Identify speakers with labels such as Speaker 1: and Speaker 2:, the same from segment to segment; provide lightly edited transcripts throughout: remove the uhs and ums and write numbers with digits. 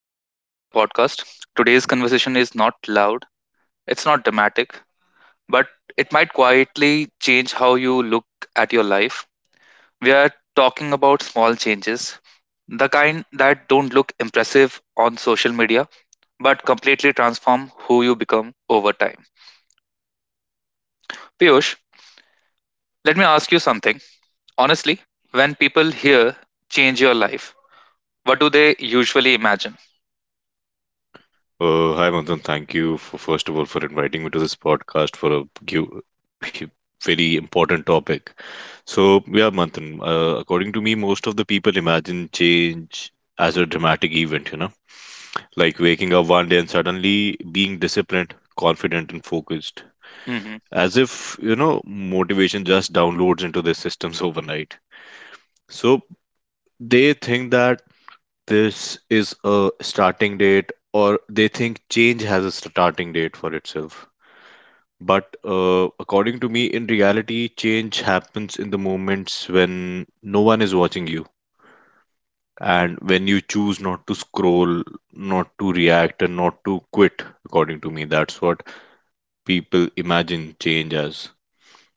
Speaker 1: Welcome back to the podcast. Today's conversation is not loud, it's not dramatic, but it might quietly change how you look at your life. We are talking about small changes, the kind that don't look impressive on social media, but completely transform who you become over time. Piyush, let me ask you something. Honestly, when people hear change your life, what do they usually imagine?
Speaker 2: Hi, Manthan. Thank you for first of all for inviting me to this podcast for a very important topic. So, yeah, Manthan. According to me, most of the people imagine change as a dramatic event. You know, like waking up one day and suddenly being disciplined, confident, focused,
Speaker 1: Hmm.
Speaker 2: as if motivation just downloads into their systems overnight. So they think that this is a starting date, or they think change has a starting date for itself. But according to me, in reality, change happens in the moments when no one is watching you and when you choose not to scroll, not to react, and not to quit. According to me, that's what people imagine change as.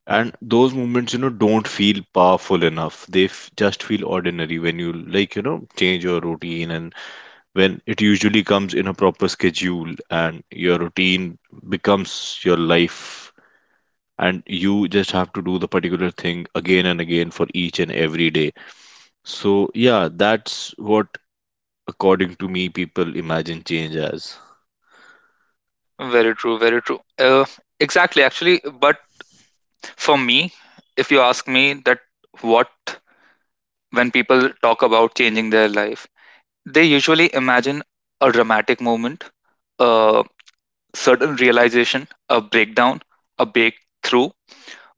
Speaker 2: And those moments, don't feel powerful enough. They just feel ordinary when you, like, change your routine, and when it usually comes in a proper schedule and your routine becomes your life, and you just have to do the particular thing again and again for each and every day. So yeah, that's what, according to me, people imagine change as.
Speaker 1: Very true, very true. Exactly, actually. But for me, if you ask me that what when people talk about changing their life, they usually imagine a dramatic moment, a sudden realization, a breakdown, a breakthrough.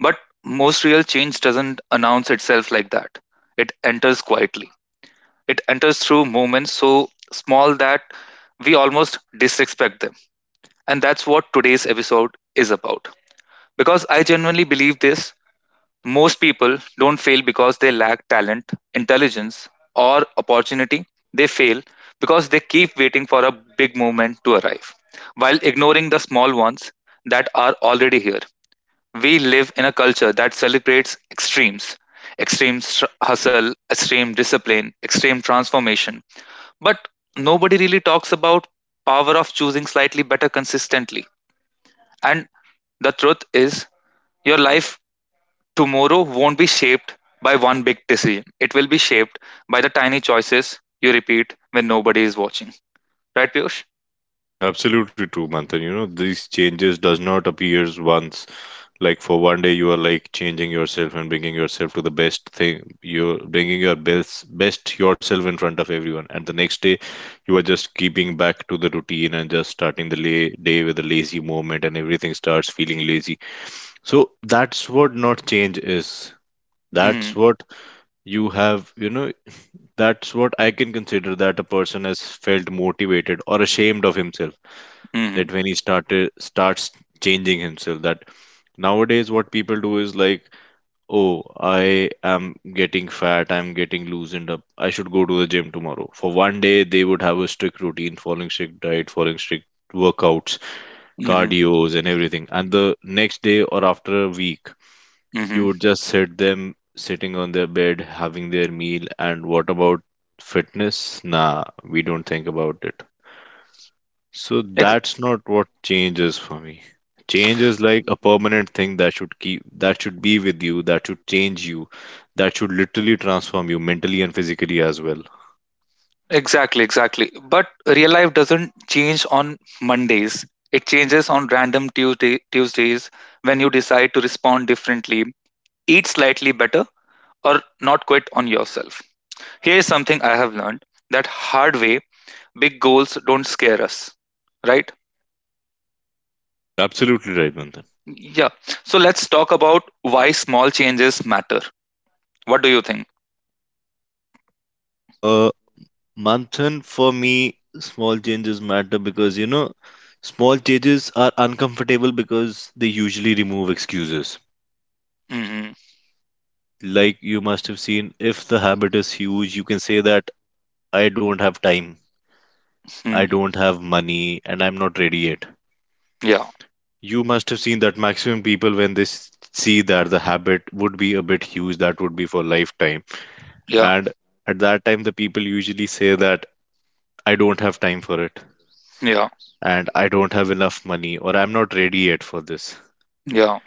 Speaker 1: But most real change doesn't announce itself like that. It enters quietly. It enters through moments so small that we almost disrespect them. And that's what today's episode is about. Because I genuinely believe this, most people don't fail because they lack talent, intelligence, or opportunity. They fail because they keep waiting for a big moment to arrive while ignoring the small ones that are already here. We live in a culture that celebrates extremes, extreme hustle, extreme discipline, extreme transformation. But nobody really talks about power of choosing slightly better consistently. And the truth is, your life tomorrow won't be shaped by one big decision. It will be shaped by the tiny choices you repeat when nobody is watching. Right, Piyush?
Speaker 2: Absolutely true, Manthan. You know, these changes does not appears once. Like for one day, you are like changing yourself and bringing yourself to the best thing. You're bringing your best yourself in front of everyone. And the next day, you are just keeping back to the routine and just starting the day with a lazy movement, and everything starts feeling lazy. So that's what not change is. That's
Speaker 1: Mm-hmm.
Speaker 2: what you have, that's what I can consider that a person has felt motivated or ashamed of himself.
Speaker 1: Mm-hmm.
Speaker 2: That when he started starts changing himself, that nowadays what people do is like, oh, I am getting fat, I'm getting loosened up, I should go to the gym tomorrow. For one day they would have a strict routine, following strict diet, following strict workouts,
Speaker 1: Mm-hmm.
Speaker 2: cardios and everything. And the next day or after a week
Speaker 1: Mm-hmm.
Speaker 2: you would just sit them sitting on their bed having their meal, and what about fitness? Nah, we don't think about it. So
Speaker 1: Ex-
Speaker 2: that's not what change is for me. Change is like a permanent thing that should be with you, that should change you, that should literally transform you mentally and physically as well.
Speaker 1: exactly, exactly. But real life doesn't change on Mondays. It changes on random Tuesdays when you decide to respond differently, eat slightly better, or not quit on yourself. Here is something I have learned that hard way, big goals don't scare us, right?
Speaker 2: Absolutely right, Manthan.
Speaker 1: Yeah. So let's talk about why small changes matter. What do you think?
Speaker 2: Uh, Manthan, for me, small changes matter because, you know, small changes are uncomfortable because they usually remove excuses.
Speaker 1: Hmm.
Speaker 2: Like you must have seen, if the habit is huge, you can say that I don't have time,
Speaker 1: Mm.
Speaker 2: I don't have money, and I'm not ready yet.
Speaker 1: Yeah.
Speaker 2: You must have seen that maximum people, when they see that the habit would be a bit huge, that would be for lifetime.
Speaker 1: Yeah.
Speaker 2: And at that time, the people usually say that I don't have time for it,
Speaker 1: Yeah.
Speaker 2: and I don't have enough money, or I'm not ready yet for this.
Speaker 1: Yeah.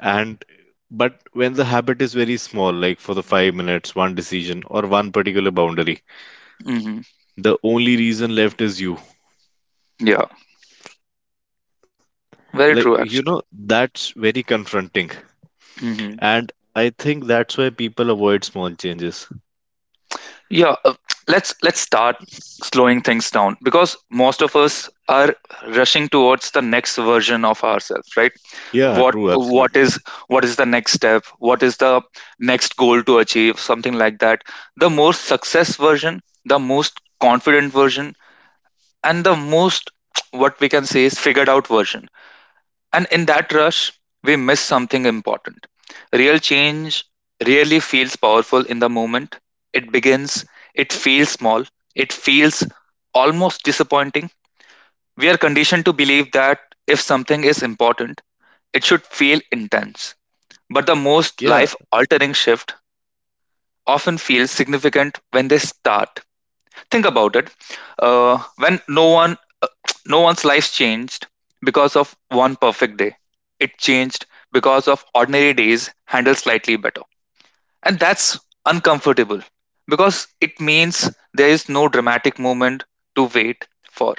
Speaker 2: And but when the habit is very small, like for the 5 minutes, one decision, or one particular boundary,
Speaker 1: Hmm.
Speaker 2: the only reason left is you.
Speaker 1: Yeah. Very
Speaker 2: Like,
Speaker 1: true,
Speaker 2: you know,
Speaker 1: actually.
Speaker 2: that's very confronting.
Speaker 1: Hmm.
Speaker 2: And I think that's why people avoid small changes.
Speaker 1: Yeah. Let's start slowing things down because most of us are rushing towards the next version of ourselves, right?
Speaker 2: Yeah,
Speaker 1: What
Speaker 2: true,
Speaker 1: what
Speaker 2: absolutely.
Speaker 1: is what is the next step? What is the next goal to achieve? Something like that. The more success version, the most confident version, and the most what we can say is figured out version. And in that rush, we miss something important. Real change really feels powerful in the moment it begins. It feels small, it feels almost disappointing. We are conditioned to believe that if something is important, it should feel intense, but the
Speaker 2: Yeah,
Speaker 1: most life altering shift often feels significant when they start. Think about it. When no one No one's life changed because of one perfect day. It changed because of ordinary days handled slightly better. And that's uncomfortable because it means there is no dramatic moment to wait for.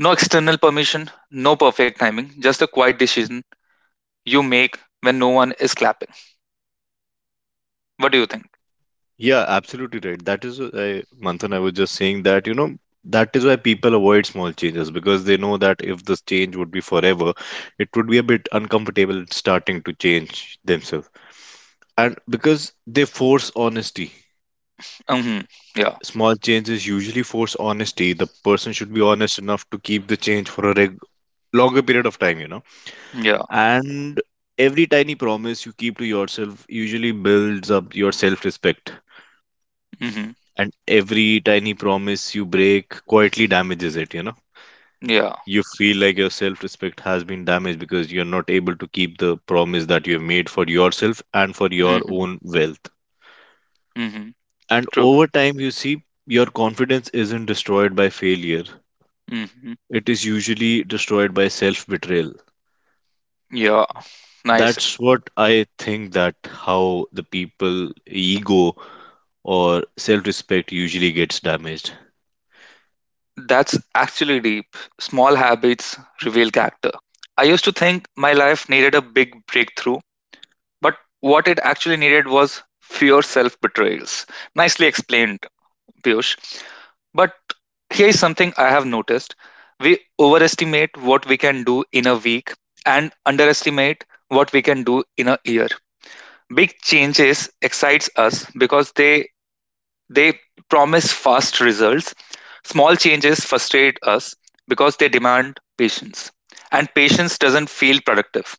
Speaker 1: No external permission, no perfect timing, just a quiet decision you make when no one is clapping. What do you think?
Speaker 2: yeah, absolutely right. That is, I, Manthan, I was just saying that, you know, that is why people avoid small changes, because they know that if this change would be forever, it would be a bit uncomfortable starting to change themselves. And because they force honesty,
Speaker 1: Hmm. Yeah.
Speaker 2: small changes usually force honesty. The person should be honest enough to keep the change for a longer period of time, you know.
Speaker 1: Yeah.
Speaker 2: And every tiny promise you keep to yourself usually builds up your self respect.
Speaker 1: Hmm.
Speaker 2: And every tiny promise you break quietly damages it, you know.
Speaker 1: Yeah.
Speaker 2: You feel like your self respect has been damaged because you're not able to keep the promise that you have made for yourself and for your
Speaker 1: Hmm.
Speaker 2: own wealth.
Speaker 1: Hmm.
Speaker 2: And
Speaker 1: True.
Speaker 2: over time, you see, your confidence isn't destroyed by failure,
Speaker 1: Hmm.
Speaker 2: it is usually destroyed by self betrayal.
Speaker 1: Yeah. Nice.
Speaker 2: That's what I think, that how the people ego or self-respect usually gets damaged.
Speaker 1: That's actually deep. Small habits reveal character. I used to think my life needed a big breakthrough, but what it actually needed was fewer self betrayals. Nicely explained, Piyush. But here is something I have noticed: we overestimate what we can do in a week and underestimate what we can do in a year. Big changes excites us because they promise fast results. Small changes frustrate us because they demand patience. And patience doesn't feel productive.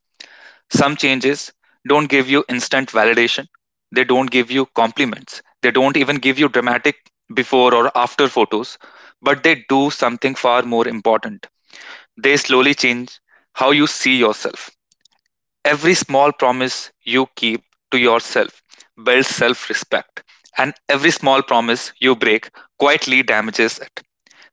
Speaker 1: Some changes don't give you instant validation, they don't give you compliments, they don't even give you dramatic before or after photos, but they do something far more important. They slowly change how you see yourself. Every small promise you keep to yourself builds self respect, and every small promise you break quietly damages it.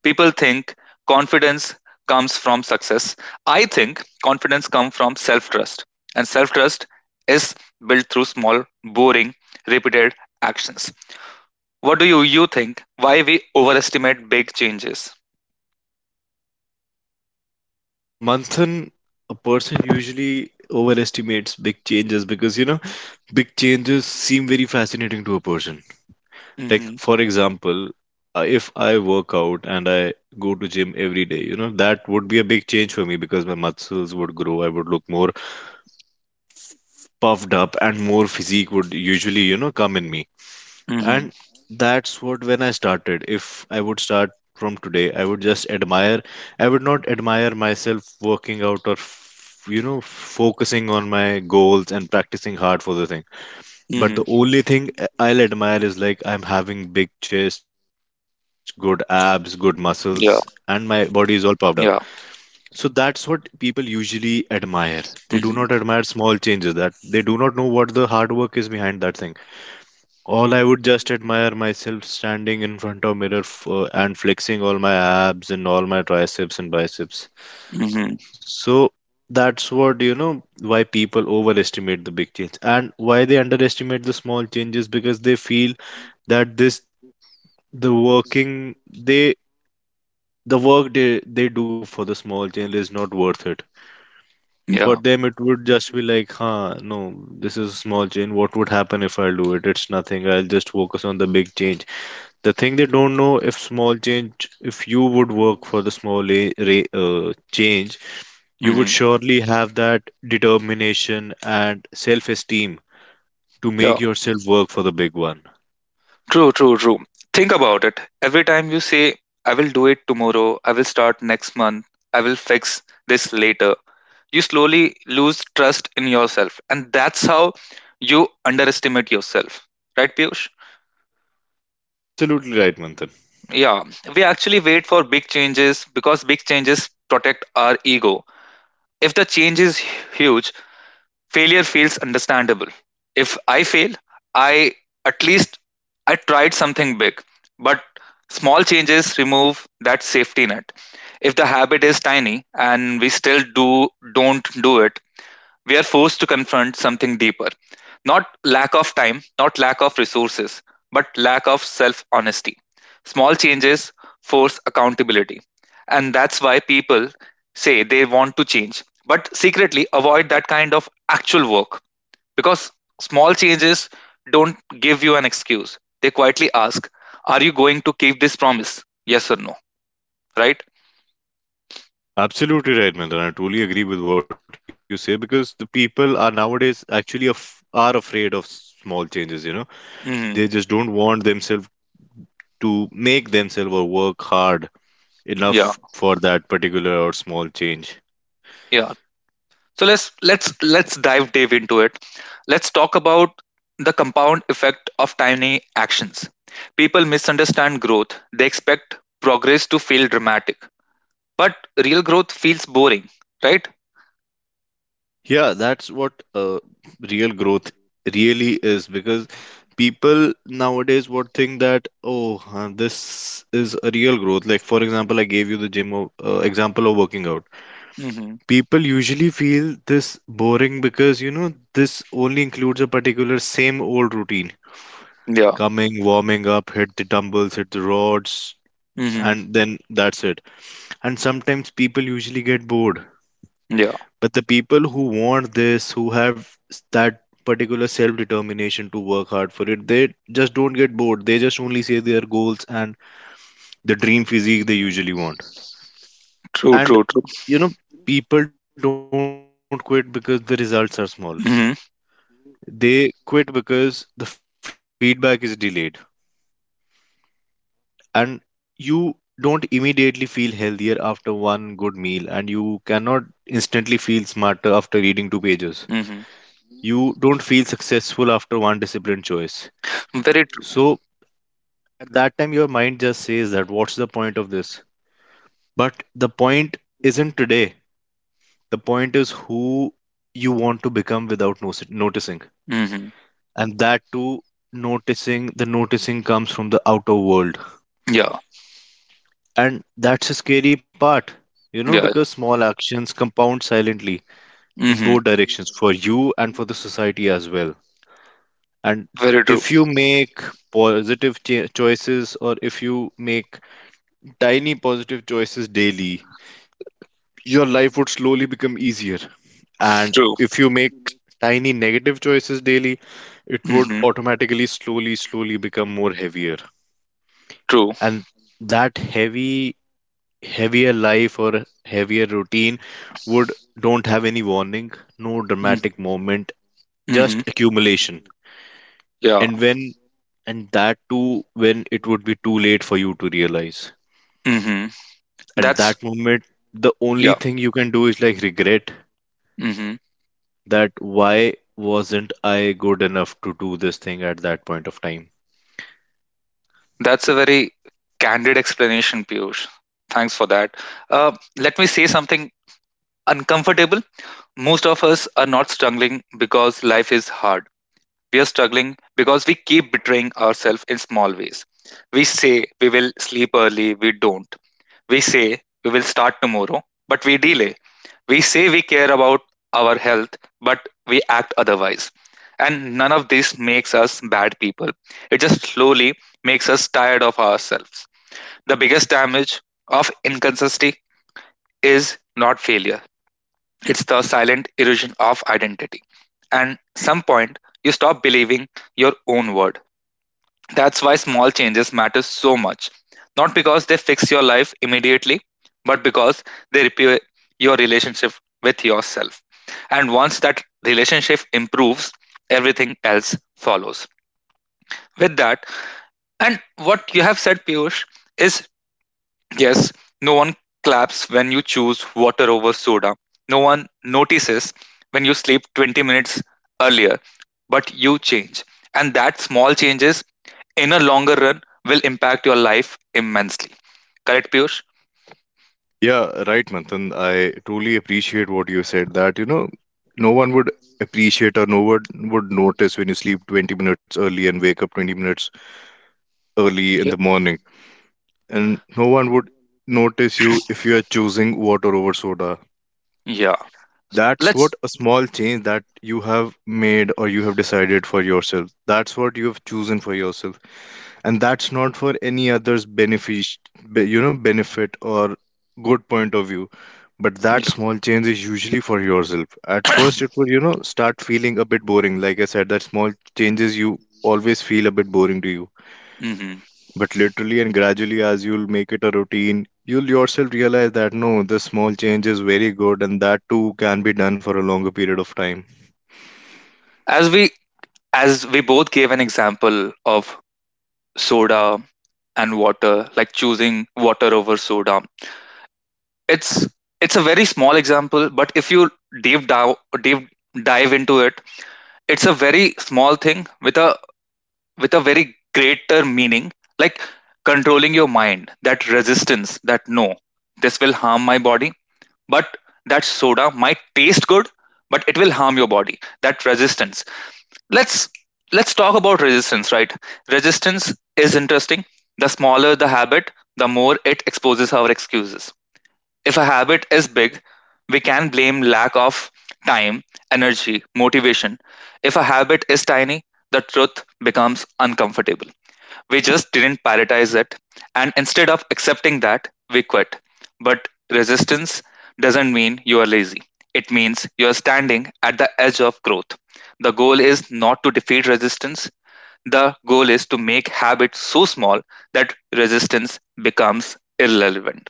Speaker 1: People think confidence comes from success. I think confidence comes from self trust, and self trust is built through small, boring, repeated actions. What do you think? Why we overestimate big changes?
Speaker 2: Manthan, a person usually overestimates big changes because, you know, big changes seem very fascinating to a person. Like
Speaker 1: Mm-hmm.
Speaker 2: for example, if I work out and I go to gym every day, you know that would be a big change for me, because my muscles would grow, I would look more puffed up and more physique would usually, you know, come in me.
Speaker 1: Mm-hmm.
Speaker 2: And that's what, when I started, if I would start from today, I would just admire, I would not admire myself working out or you know, focusing on my goals and practicing hard for the thing, but
Speaker 1: Mm-hmm.
Speaker 2: the only thing I will admire is like I'm having big chest, good abs, good muscles, and my
Speaker 1: Yeah,
Speaker 2: body is all puffed up.
Speaker 1: yeah,
Speaker 2: So that's what people usually admire. They do not admire
Speaker 1: mm-hmm,
Speaker 2: small changes, that they do not know what the hard work is behind that thing. All I would just admire myself standing in front of mirror and flexing all my abs and all my triceps and biceps.
Speaker 1: mm-hmm,
Speaker 2: So that's what, you know, why people overestimate the big change and why they underestimate the small changes, because they feel that this the working they the work they do for the small chain is not worth it. For
Speaker 1: yeah,
Speaker 2: them, it would just be like, huh, no, this is a small chain. What would happen if I do it? It's nothing. I'll just focus on the big change. The thing they don't know, if small change, if you would work for the small change, you
Speaker 1: mm-hmm.
Speaker 2: would surely have that determination and self esteem to
Speaker 1: Yeah.
Speaker 2: make yourself work for the big one.
Speaker 1: True, true, true. Think about it. Every time you say, I will do it tomorrow, I will start next month, I will fix this later, you slowly lose trust in yourself. And that's how you underestimate yourself. Right, Piyush?
Speaker 2: Absolutely right, Manthan.
Speaker 1: Yeah. We actually wait for big changes because big changes protect our ego. If the change is huge, failure feels understandable. If I fail, I at least I tried something big. But small changes remove that safety net. If the habit is tiny and we still do don't do it, we are forced to confront something deeper, not lack of time, not lack of resources, but lack of self honesty. Small changes force accountability. And that's why people say they want to change, but secretly avoid that kind of actual work because small changes don't give you an excuse. They quietly ask, are you going to keep this promise? Yes or no, right?
Speaker 2: Absolutely right, Mandar. I totally agree with what you say, because the people are nowadays actually are afraid of small changes. You know, they just don't
Speaker 1: Mhm.
Speaker 2: want themselves to make themselves or work hard enough
Speaker 1: Yeah,
Speaker 2: for that particular or small change.
Speaker 1: yeah. So let's dive deep into it. Let's talk about the compound effect of tiny actions. People misunderstand growth. They expect progress to feel dramatic, but real growth feels boring, right?
Speaker 2: Yeah, that's what, real growth really is, because people nowadays would think that, oh this is a real growth. Like for example, I gave you the gym of, example of working out.
Speaker 1: Hmm.
Speaker 2: People usually feel this boring because, you know, this only includes a particular same old routine,
Speaker 1: Yeah.
Speaker 2: coming, warming up, hit the dumbbells, hit the rods,
Speaker 1: Hmm.
Speaker 2: and then that's it. And sometimes people usually get bored,
Speaker 1: Yeah.
Speaker 2: but the people who want this, who have that particular self determination to work hard for it, they just don't get bored. They just only say their goals and the dream physique they usually want.
Speaker 1: True.
Speaker 2: And
Speaker 1: True. True.
Speaker 2: you know, people don't quit because the results are small.
Speaker 1: Hmm.
Speaker 2: They quit because the feedback is delayed, and you don't immediately feel healthier after one good meal, and you cannot instantly feel smarter after reading two pages.
Speaker 1: Hmm.
Speaker 2: You don't feel successful after one disciplined choice.
Speaker 1: Very true.
Speaker 2: So at that time your mind just says that, what's the point of this? But the point isn't today. The point is who you want to become without noticing.
Speaker 1: Mm-hmm.
Speaker 2: And that too, noticing, the noticing comes from the outer world.
Speaker 1: Yeah.
Speaker 2: And that's the scary part, you know,
Speaker 1: Yeah. Yeah.
Speaker 2: because small actions compound silently in
Speaker 1: Mm-hmm.
Speaker 2: both directions, for you and for the society as well. And
Speaker 1: Very
Speaker 2: if
Speaker 1: true.
Speaker 2: you make positive choices, or if you make tiny positive choices daily, your life would slowly become easier. And
Speaker 1: True.
Speaker 2: if you make tiny negative choices daily, it would
Speaker 1: Hmm.
Speaker 2: automatically slowly, slowly become more heavier.
Speaker 1: True.
Speaker 2: And that heavy heavier life or heavier routine would don't have any warning, no
Speaker 1: Mm-hmm.
Speaker 2: dramatic moment,
Speaker 1: Mm-hmm.
Speaker 2: just accumulation.
Speaker 1: Yeah.
Speaker 2: And when, and that too when it would be too late for you to realize,
Speaker 1: Hmm.
Speaker 2: and
Speaker 1: That's
Speaker 2: that moment the only
Speaker 1: yeah.
Speaker 2: thing you can do is like regret,
Speaker 1: Mm-hmm.
Speaker 2: that why wasn't I good enough to do this thing at that point of time.
Speaker 1: That's a very candid explanation, Piyush. Thanks for that. Uh, Let me say something uncomfortable. Most of us are not struggling because life is hard. We are struggling because we keep betraying ourselves in small ways. We say we will sleep early, we don't. We say we will start tomorrow, but we delay. We say we care about our health, but we act otherwise. And none of this makes us bad people. It just slowly makes us tired of ourselves. The biggest damage of inconsistency is not failure, it's the silent erosion of identity. And some point you stop believing your own word. That's why small changes matter so much. Not because they fix your life immediately, but because they repair your relationship with yourself. And once that relationship improves, everything else follows. With that, and what you have said, Piyush, is yes, no one claps when you choose water over soda. No one notices when you sleep 20 minutes earlier, but you change. And that small changes in a longer run will impact your life immensely. Correct, Piyush?
Speaker 2: Yeah, right, Manthan. I truly appreciate what you said, that, you know, no one would appreciate or no one would notice when you sleep 20 minutes early and wake up 20 minutes early in
Speaker 1: Yeah.
Speaker 2: the morning. And no one would notice you if you are choosing water over soda.
Speaker 1: Yeah.
Speaker 2: That's what
Speaker 1: Let's
Speaker 2: a small change that you have made or you have decided for yourself. That's what you have chosen for yourself. And that's not for any other's benefit benefit or good point of view. But that
Speaker 1: yeah.
Speaker 2: small change is usually for yourself. At first, it will, you know, start feeling a bit boring. Like I said, that small changes you always feel a bit boring to you.
Speaker 1: Hmm.
Speaker 2: But literally and gradually, as you'll make it a routine, you'll yourself realize that no, the small change is very good and that too can be done for a longer period of time.
Speaker 1: As we as we both gave an example of soda and water, like choosing water over soda. it's it's a very small example, but if you deep dive deep dive into it, it's a very small thing with a very greater meaning, like controlling your mind, that resistance that no, this will harm my body, but that soda might taste good, but it will harm your body, that resistance. Let's let's talk about resistance. Right, resistance is interesting. The smaller the habit, the more it exposes our excuses. If a habit is big, we can blame lack of time, energy, motivation. If a habit is tiny, the truth becomes uncomfortable. We just didn't prioritize it, and instead of accepting that, we quit. But resistance doesn't mean you are lazy. It means you are standing at the edge of growth. The goal is not to defeat resistance. The goal is to make habits so small that resistance becomes irrelevant.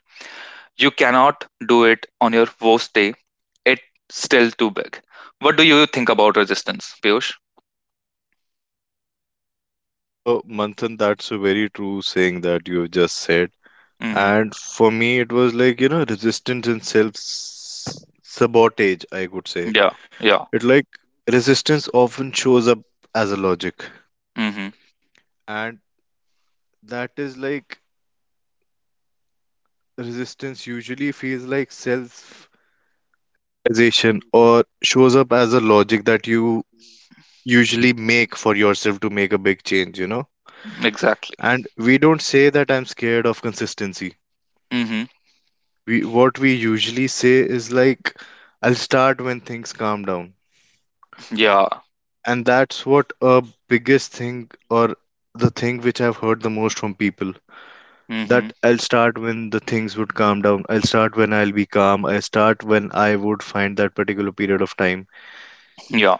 Speaker 1: You cannot do it on your worst day. It's still too big. What do you think about resistance, Piyush?
Speaker 2: Manthan, that's a very true saying that you've just said.
Speaker 1: Hmm.
Speaker 2: And for me, it was like, you know, resistance and self sabotage, I could say.
Speaker 1: Yeah. Yeah.
Speaker 2: It like resistance often shows up as a logic
Speaker 1: Hmm.
Speaker 2: that you usually make for yourself to make a big change, you know?
Speaker 1: Exactly.
Speaker 2: And we don't say that I'm scared of consistency.
Speaker 1: Hmm.
Speaker 2: We what we usually say is like, I'll start when things calm down.
Speaker 1: Yeah.
Speaker 2: And that's what a biggest thing or the thing which I've heard the most from people.
Speaker 1: Hmm.
Speaker 2: That I'll start when the things would calm down. I'll start when I'll be calm. I start when I would find that particular period of time.
Speaker 1: Yeah.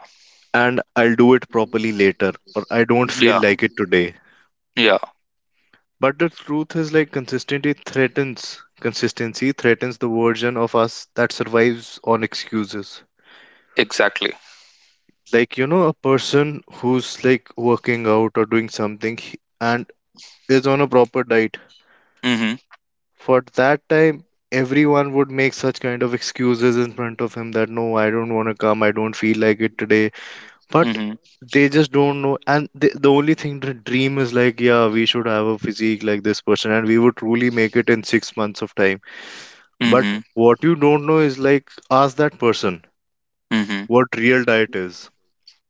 Speaker 2: And I'll do it properly later. Or I don't feel
Speaker 1: Yeah.
Speaker 2: like it today.
Speaker 1: Yeah.
Speaker 2: But the truth is like consistency threatens the version of us that survives on excuses.
Speaker 1: Exactly.
Speaker 2: Like, you know, a person who's like working out or doing something and is on a proper diet.
Speaker 1: Hmm.
Speaker 2: For that time, everyone would make such kind of excuses in front of him that no, I don't want to come, I don't feel like it today. But
Speaker 1: Hmm.
Speaker 2: they just don't know, and the only thing the dream is like, yeah, we should have a physique like this person, and we would truly make it in 6 months of time. But
Speaker 1: Hmm.
Speaker 2: what you don't know is like, ask that person
Speaker 1: Hmm.
Speaker 2: what real diet is,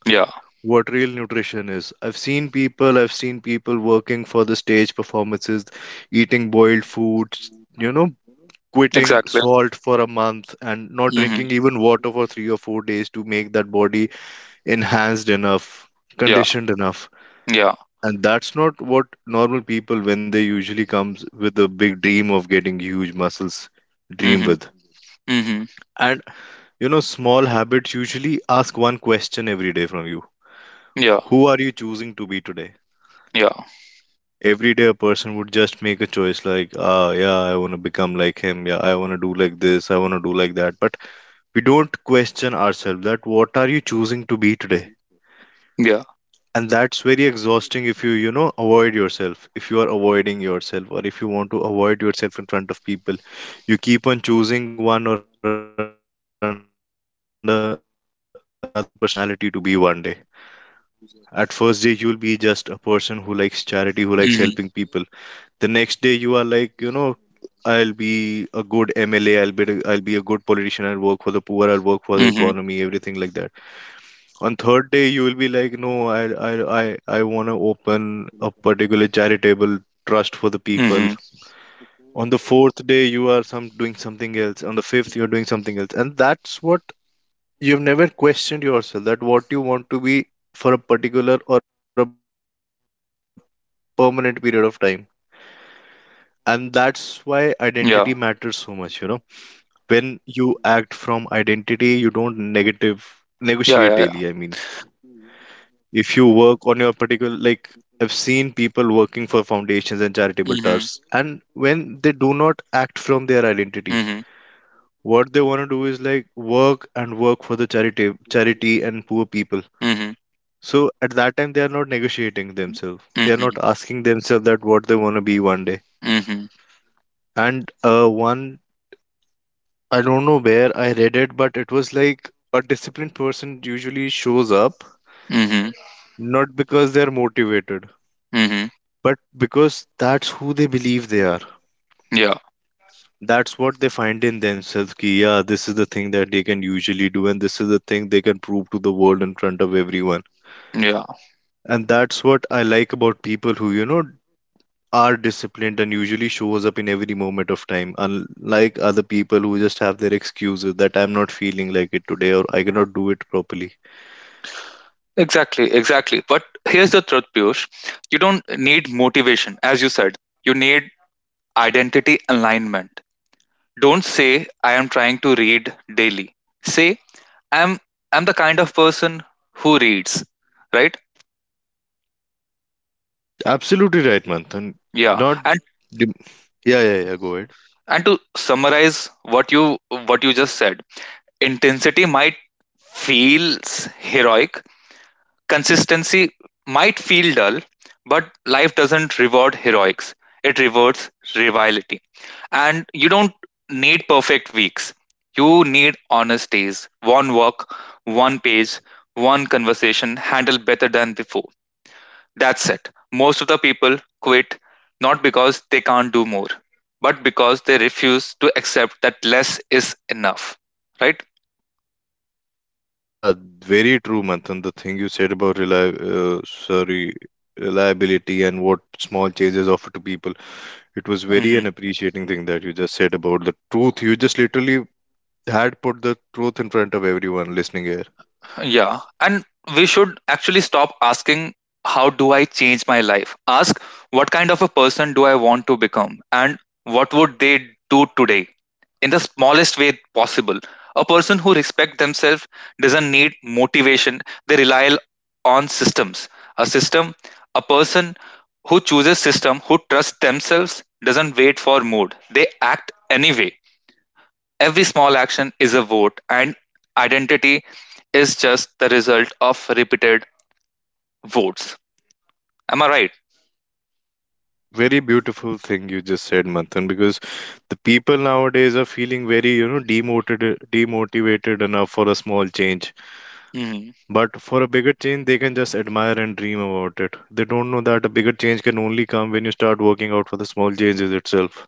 Speaker 1: Yeah.
Speaker 2: what real nutrition is. I've seen people working for the stage performances, eating boiled foods, you know, quitting
Speaker 1: Exactly.
Speaker 2: salt for a month and not drinking
Speaker 1: Mm-hmm.
Speaker 2: even water for 3 or 4 days to make that body enhanced enough,
Speaker 1: Yeah.
Speaker 2: conditioned enough.
Speaker 1: Yeah.
Speaker 2: And that's not what normal people, when they usually comes with a big dream of getting huge muscles, dream
Speaker 1: Mm-hmm.
Speaker 2: with.
Speaker 1: Hmm.
Speaker 2: And you know, small habits usually ask one question every day from you.
Speaker 1: Yeah.
Speaker 2: Who are you choosing to be today?
Speaker 1: Yeah.
Speaker 2: Every day a person would just make a choice like, ah, yeah, I want to become like him. Yeah, I want to do like this. I want to do like that. But we don't question ourselves that what are you choosing to be today?
Speaker 1: Yeah.
Speaker 2: And that's very exhausting if you, you know, avoid yourself. If you are avoiding yourself or if you want to avoid yourself in front of people, you keep on choosing one or another personality to be one day. At first day, you'll be just a person who likes charity, who likes helping people. The next day, you are like, you
Speaker 1: Hmm.
Speaker 2: know, I'll be a good MLA, I'll be a good politician, I'll work for the poor, I'll work for the economy, everything like that.
Speaker 1: Hmm. Hmm.
Speaker 2: On third day, you will be like, no, I want to open a particular charitable trust for the people. On the fourth day, you are some doing something else. On the fifth, you're doing something else, and that's what you've never questioned yourself that what you want to be for a particular or a permanent period of time. And that's why identity matters so much, you know.
Speaker 1: Yeah.
Speaker 2: When you act from identity, you don't negative negotiate daily. I mean,
Speaker 1: Yeah. Yeah. Yeah.
Speaker 2: if you work on your particular, like I've seen people working for foundations and charitable trusts, and
Speaker 1: Hmm.
Speaker 2: when they do not act from their identity,
Speaker 1: Hmm.
Speaker 2: what they want to do is like work and work for the charity, charity and poor people.
Speaker 1: Hmm.
Speaker 2: So at that time, they are not negotiating themselves. They are not
Speaker 1: Hmm.
Speaker 2: asking themselves that what they want to be one day.
Speaker 1: Hmm.
Speaker 2: And one, I don't know where I read it, but it was like a disciplined person usually shows up
Speaker 1: Hmm.
Speaker 2: not because they're motivated,
Speaker 1: Hmm.
Speaker 2: but because that's who they believe they are.
Speaker 1: Yeah.
Speaker 2: That's what they find in themselves. Ki, yeah, this is the thing that they can usually do, and this is the thing they can prove to the world in front of everyone.
Speaker 1: Yeah,
Speaker 2: And that's what I like about people who, you know, are disciplined and usually shows up in every moment of time, unlike other people who just have their excuses that I'm not feeling like it today or I cannot do it properly.
Speaker 1: exactly, exactly. But here's the truth, Piyush. You don't need motivation, as you said. You need identity alignment. Don't say I am trying to read daily. Say I'm I'm the kind of person who reads, right?
Speaker 2: Absolutely right, Manthan.
Speaker 1: Yeah.
Speaker 2: Not
Speaker 1: And
Speaker 2: dem- Yeah, yeah, yeah, go ahead.
Speaker 1: and to summarize what you just said, intensity might feels heroic. Consistency might feel dull, but life doesn't reward heroics. It rewards rivalry. And you don't need perfect weeks. You need honest days. One work, one page, one conversation handled better than before. That's it. Most of the people quit not because they can't do more, but because they refuse to accept that less is enough. Right?
Speaker 2: Yeah, very true, Manthan. The thing you said about reli- sorry reliability and what small changes offer to people, it was very an appreciating thing that you just said. About the truth, you just literally had put the truth in front of everyone listening here.
Speaker 1: Yeah. And we should actually stop asking, how do I change my life? Ask, what kind of a person do I want to become? And what would they do today? In the smallest way possible. A person who respects themselves doesn't need motivation, they rely on systems. A system, a person who chooses system, who trusts themselves, doesn't wait for mood. They act anyway. Every small action is a vote, and identity is just the result of repeated votes. Am I right?
Speaker 2: Very beautiful thing you just said, Manthan, because the people nowadays are feeling very, you know, demotivated, demotivated enough for a small change.
Speaker 1: Hmm.
Speaker 2: But for a bigger change, they can just admire and dream about it. They don't know that a bigger change can only come when you start working out for the small changes itself.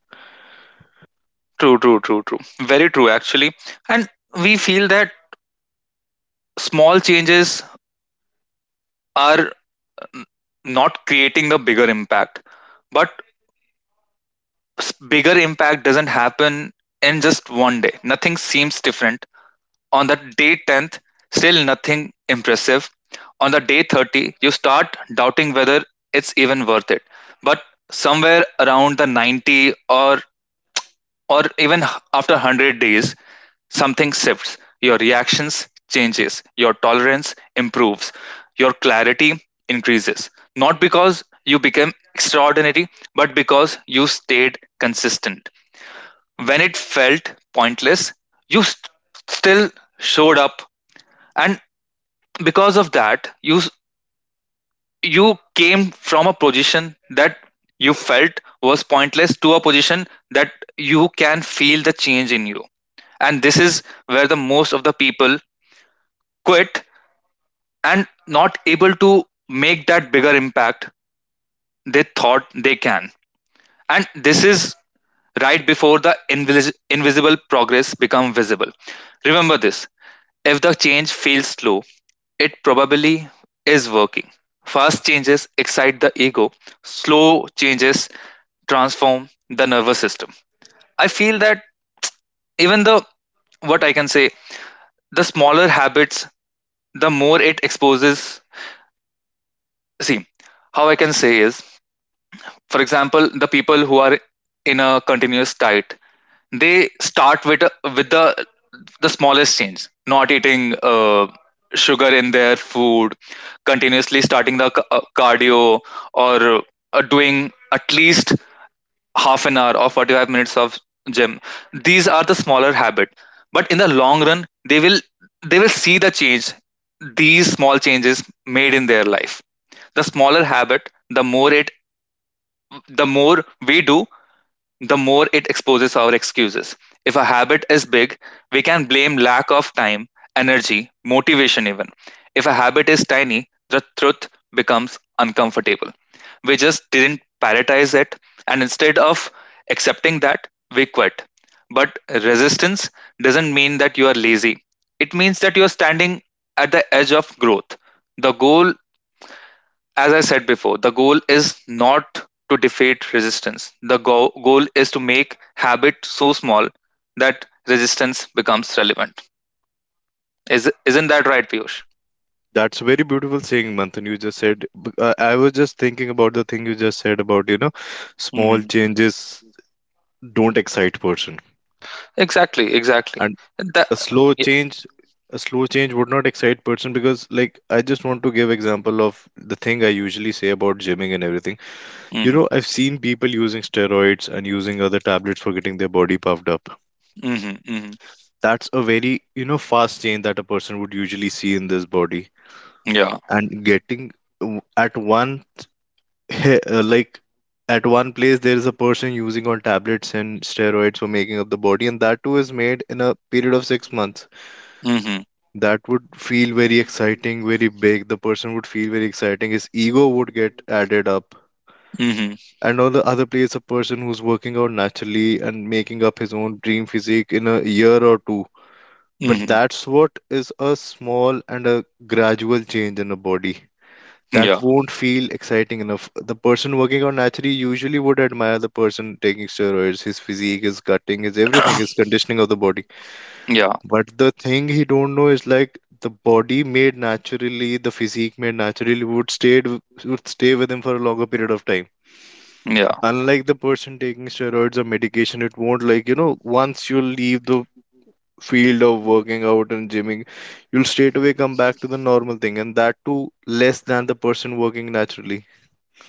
Speaker 1: True, true, true, true. Very true, actually. And we feel that small changes are n- not creating the bigger impact. But bigger impact doesn't happen in just one day. Nothing seems different. On the day 10th, still nothing impressive. On the day 30, you start doubting whether it's even worth it. But somewhere around the 90 or even after 100 days, something shifts. Your reactions changes, your tolerance improves, your clarity increases. Not because you became extraordinary, but because you stayed consistent. When it felt pointless, you st- still showed up, and because of that, you came from a position that you felt was pointless to a position that you can feel the change in you. And this is where the most of the people quit and not able to make that bigger impact they thought they can. And this is right before the invisible progress become visible. Remember this: if the change feels slow, it probably is working. Fast changes excite the ego, slow changes transform the nervous system. I feel that even the what I can say, the smaller habits, the more it exposes. See, how I can say is, for example, the people who are in a continuous diet, they start with the smallest change: not eating sugar in their food, continuously starting the cardio, or doing at least half an hour or 45 minutes of gym. These are the smaller habit, but in the long run, they will see the change these small changes made in their life. The smaller habit, the more we do, the more it exposes our excuses. If a habit is big, we can blame lack of time, energy, motivation, even. If a habit is tiny, the truth becomes uncomfortable. We just didn't prioritize it, and instead of accepting that, we quit. But resistance doesn't mean that you are lazy, it means that you are standing at the edge of growth. The goal As I said before, the goal is not to defeat resistance. The goal is to make habit so small that resistance becomes relevant. Is isn't that right, Piyush?
Speaker 2: That's very beautiful saying, Manthan. You just said. I was just thinking about the thing you just said about, you know, small
Speaker 1: Hmm.
Speaker 2: changes don't excite person.
Speaker 1: Exactly, exactly. That,
Speaker 2: a slow
Speaker 1: yeah.
Speaker 2: change a slow change would not excite person, because like I just want to give example of the thing I usually say about gymming and everything. You
Speaker 1: Mm-hmm,
Speaker 2: know, I've seen people using steroids and using other tablets for getting their body puffed up.
Speaker 1: mm-hmm, mm-hmm.
Speaker 2: That's a very, you know, fast change that a person would usually see in this body.
Speaker 1: Yeah.
Speaker 2: And getting w- at one he- uh, like at one place there is a person using on tablets and steroids for making up the body, and that too is made in a period of 6 months.
Speaker 1: Mm-hmm,
Speaker 2: That would feel very exciting, very big. The person would feel very exciting. His ego would get added up.
Speaker 1: mm-hmm,
Speaker 2: And on the other place, a person who's working out naturally and making up his own dream physique in a year or two. But
Speaker 1: mm-hmm.
Speaker 2: that's what is a small and a gradual change in a body.
Speaker 1: Yeah.
Speaker 2: That won't feel exciting enough. The person working out naturally usually would admire the person taking steroids, his physique, his cutting, his everything, his conditioning of the body.
Speaker 1: Yeah.
Speaker 2: But the thing he don't know is like the body made naturally, the physique made naturally would stay with him for a longer period of time.
Speaker 1: Yeah.
Speaker 2: Unlike the person taking steroids or medication, it won't, like, you know, once you leave the field of working out and gymming, you'll straight away come back to the normal thing, and that too less than the person working naturally.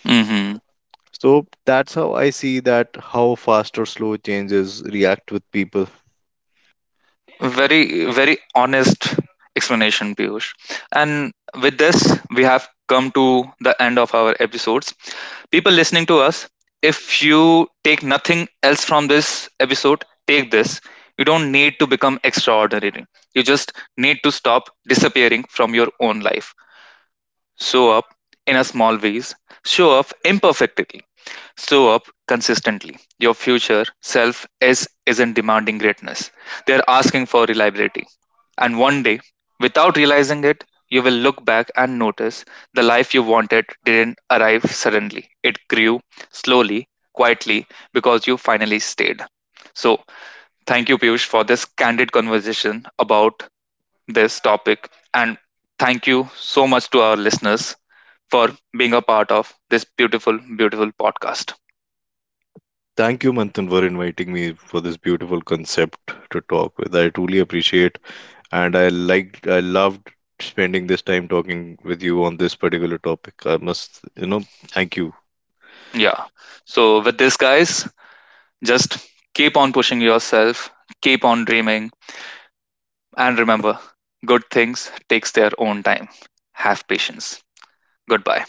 Speaker 1: Mm-hmm.
Speaker 2: So that's how I see that how fast or slow changes react with people.
Speaker 1: Very, very honest explanation, Piyush. And with this, we have come to the end of our episodes. People listening to us, if you take nothing else from this episode, take this. You don't need to become extraordinary. You just need to stop disappearing from your own life. Show up in a small ways. Show up imperfectly. Show up consistently. Your future self is isn't demanding greatness. They are asking for reliability. And one day, without realizing it, you will look back and notice the life you wanted didn't arrive suddenly. It grew slowly, quietly, because you finally stayed. So, thank you, Piyush, for this candid conversation about this topic. And thank you so much to our listeners for being a part of this beautiful, beautiful podcast.
Speaker 2: Thank you, Manthan, for inviting me for this beautiful concept to talk with. I truly appreciate, and I liked, I loved spending this time talking with you on this particular topic. I must, you know, thank you.
Speaker 1: Yeah. So, with this, guys, just keep on pushing yourself, keep on dreaming, and remember, good things takes their own time. Have patience. Goodbye.